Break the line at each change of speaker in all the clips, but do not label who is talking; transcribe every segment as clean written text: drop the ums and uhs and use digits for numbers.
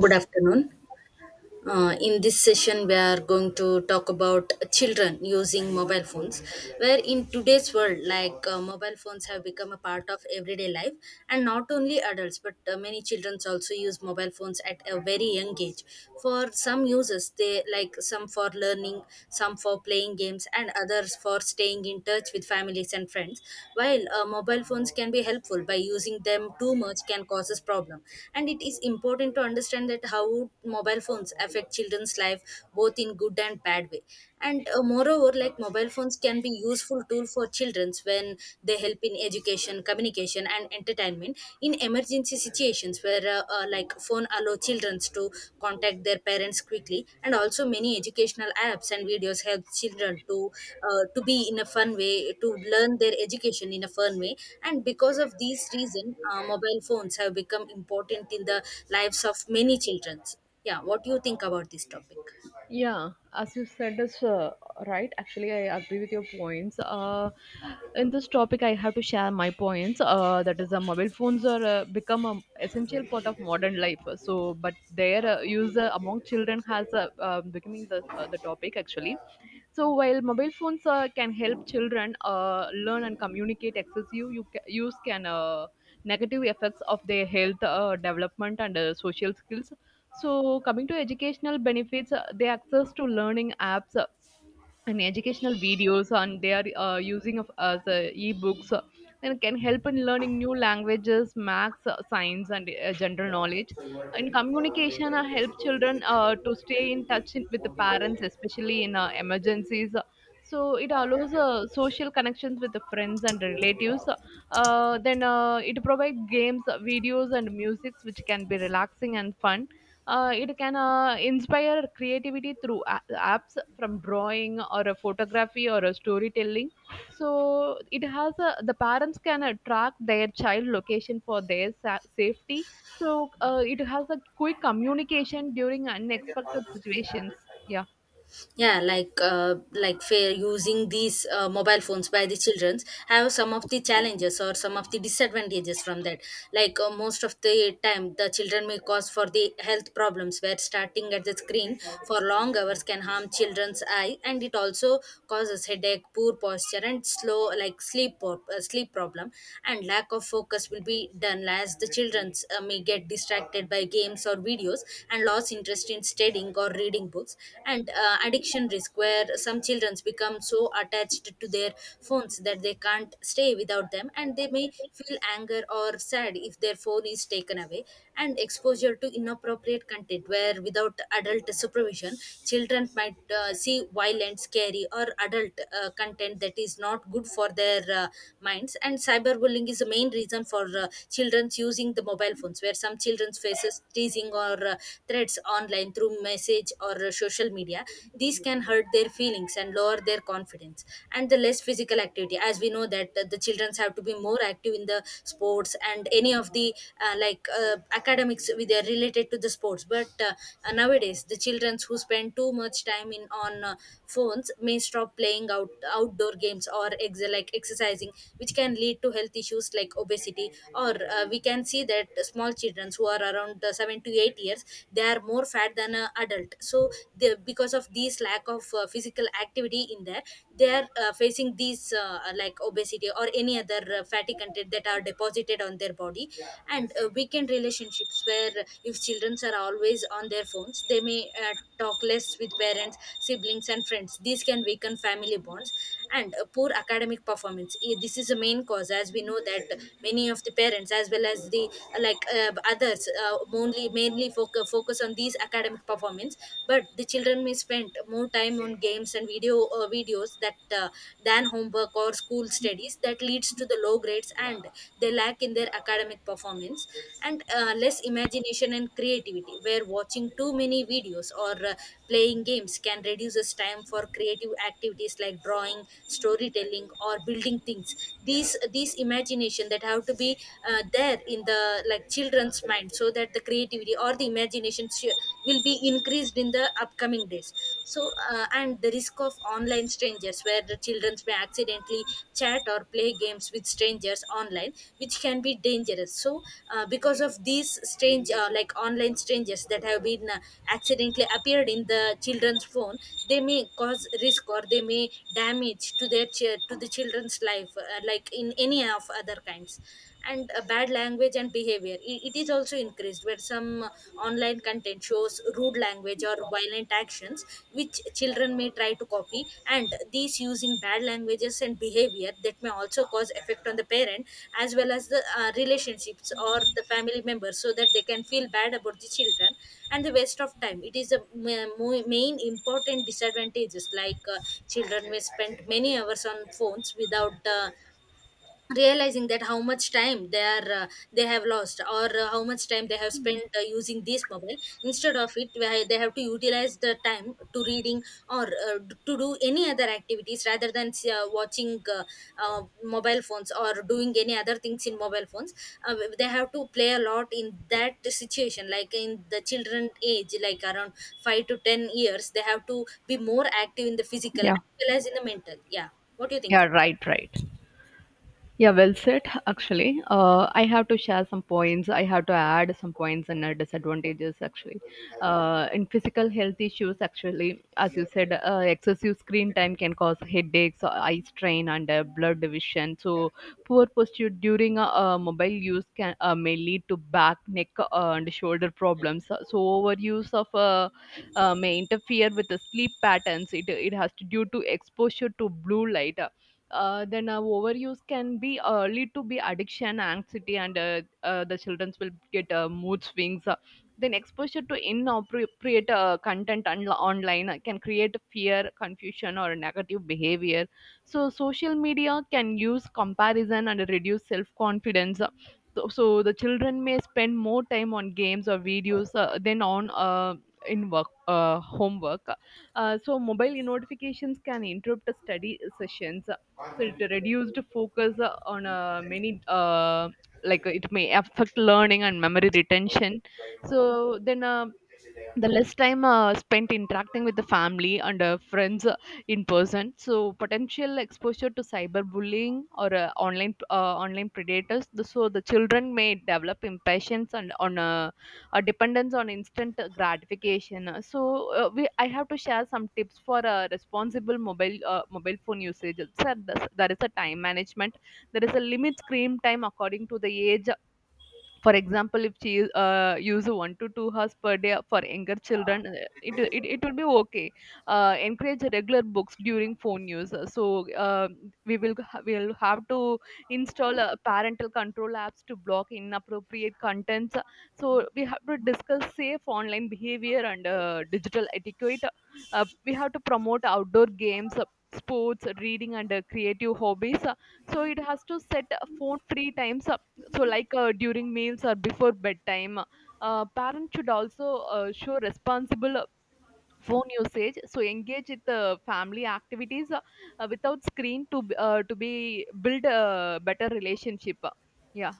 Good afternoon. In this session, we are going to talk about children using mobile phones. Where in today's world, mobile phones have become a part of everyday life, and not only adults, but many children also use mobile phones at a very young age. For some uses, they like some for learning, some for playing games, and others for staying in touch with families and friends. While mobile phones can be helpful by using them too much can cause us problem. And it is important to understand that how mobile phones affect children's life both in good and bad way. And moreover, mobile phones can be useful tool for children when they help in education, communication and entertainment. In emergency situations where phone allow children to contact their parents quickly, and also many educational apps and videos help children to be in a fun way to learn their education in a fun way. And because of these reason, mobile phones have become important in the lives of many children. Yeah, what do you think about this topic?
Yeah, as you said is right. Actually, I agree with your points. In this topic, I have to share my points. That is, mobile phones are become an essential part of modern life. So, but their use among children has becoming the topic actually. So while mobile phones can help children learn and communicate, excessive use can negative effects of their health, development, and social skills. So coming to educational benefits, the access to learning apps and educational videos, and they are using of as e-books, and can help in learning new languages, maths, science, and general knowledge. And communication, help children to stay in touch in, with the parents, especially in emergencies. So it allows social connections with the friends and relatives. Then It provides games, videos, and musics which can be relaxing and fun. It can inspire creativity through apps from drawing or a photography or a storytelling. So it has a, the parents can track their child location for their safety. So it has a quick communication during unexpected situations. Yeah.
Yeah, fair using these mobile phones by the childrens have some of the challenges or some of the disadvantages from that. Most of the time the children may cause for the health problems, where starting at the screen for long hours can harm children's eye, and it also causes headache, poor posture, and slow like sleep por- sleep problem. And lack of focus will be done as the childrens may get distracted by games or videos and lost interest in studying or reading books. And addiction risk, where some children become so attached to their phones that they can't stay without them, and they may feel anger or sad if their phone is taken away. And exposure to inappropriate content, where without adult supervision children might see violent, scary or adult content that is not good for their minds. And cyberbullying is the main reason for children's using the mobile phones, where some children's faces teasing or threats online through message or social media. These can hurt their feelings and lower their confidence. And the less physical activity, as we know that the children have to be more active in the sports and any of the academics with they are related to the sports. But nowadays the children who spend too much time in on phones may stop playing outdoor games or exercising, which can lead to health issues like obesity. Or we can see that small children who are around 7 seven to eight years, they are more fat than an adult. So because of these lack of physical activity in there, they are facing these obesity or any other fatty content that are deposited on their body. And weekend relationships, where if children are always on their phones they may talk less with parents, siblings and friends. These can weaken family bonds. And poor academic performance. This is the main cause. As we know that many of the parents, as well as the others, only mainly focus on these academic performance, but the children may spend more time on games and videos that than homework or school studies, that leads to the low grades and they lack in their academic performance. And less imagination and creativity, where watching too many videos or playing games can reduce us time for creative activities like drawing, storytelling or building things. These imagination that have to be there in the like children's mind, so that the creativity or the imagination will be increased in the upcoming days. So and the risk of online strangers, where the children may accidentally chat or play games with strangers online, which can be dangerous. So because of these strange like online strangers that have been accidentally appeared in the children's phone, they may cause risk or they may damage to their to the children's life, like in any of other kinds. And bad language and behavior. It is also increased, where some online content shows rude language or violent actions, which children may try to copy. And these using bad languages and behavior that may also cause effect on the parent as well as the relationships or the family members, so that they can feel bad about the children. And the waste of time, it is a main important disadvantages. Children may spend many hours on phones without realizing that how much time they have lost, or how much time they have spent using this mobile. Instead of it, where they have to utilize the time to reading, or to do any other activities rather than watching mobile phones or doing any other things in mobile phones. They have to play a lot in that situation. Like in the children age like around 5 to 10 years, they have to be more active in the physical as well as in the mental. Yeah, what do you think?
Yeah. Right. Right. Yeah, well said. Actually, I have to share some points. I have to add some points and disadvantages. Actually, in physical health issues, actually, as you said, excessive screen time can cause headaches, eye strain, and blood division. So, poor posture during mobile use can may lead to back, neck, and shoulder problems. So, overuse of may interfere with the sleep patterns. It has to due to exposure to blue light. Then Overuse can be lead to be addiction anxiety and the children will get mood swings. Then exposure to inappropriate content online can create fear confusion or negative behavior. So social media can use comparison and reduce self confidence, so the children may spend more time on games or videos than on in work homework. So mobile notifications can interrupt study sessions, so it reduced focus on many like it may affect learning and memory retention. so then uh, the less time spent interacting with the family and friends in person, so potential exposure to cyberbullying or online predators, the, so the children may develop impatience and on a dependence on instant gratification. So we I have to share some tips for responsible mobile mobile phone usage sir. There is a time management. There is a limit screen time according to the age. For example, if she use 1 to 2 hours per day for younger children, it would be okay. Encourage regular books during phone use. So uh, we will have to install parental control apps to block inappropriate contents. So we have to discuss safe online behavior and digital etiquette. We have to promote outdoor games, sports, reading, and creative hobbies. So it has to set phone free times, so, like during meals or before bedtime. Parents should also show responsible phone usage. So, engage with the family activities without screen to be build a better relationship. Yeah.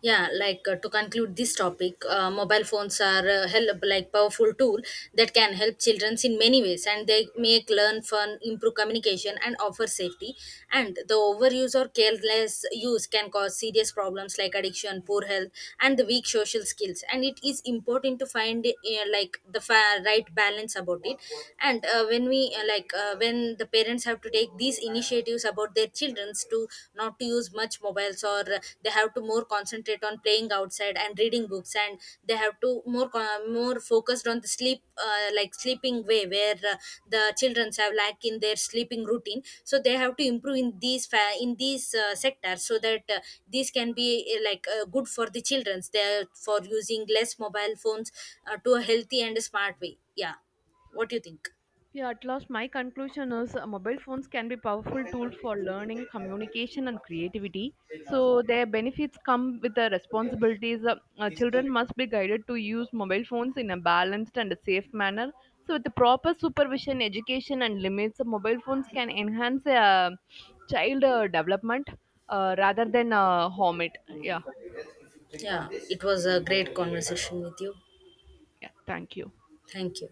Yeah, to conclude this topic, mobile phones are help like powerful tool that can help children in many ways, and they make learn fun, improve communication and offer safety. And the overuse or careless use can cause serious problems like addiction, poor health and the weak social skills. And it is important to find right balance about it. And when we like when the parents have to take these initiatives about their childrens to not to use much mobiles, or they have to more concentrate on playing outside and reading books. And they have to more focused on the sleep, sleeping way, where the childrens have lack in their sleeping routine. So they have to improve in these sectors, so that these can be good for the childrens, they for using less mobile phones, to a healthy and smart way. Yeah, what do you think?
Yeah, at last, my conclusion is mobile phones can be powerful tool for learning, communication, and creativity. So their benefits come with the responsibilities. Children must be guided to use mobile phones in a balanced and a safe manner. So with the proper supervision, education, and limits, mobile phones can enhance child development rather than harm it. Yeah,
Yeah, it was a great conversation with you.
yeah. Thank you.
Thank you.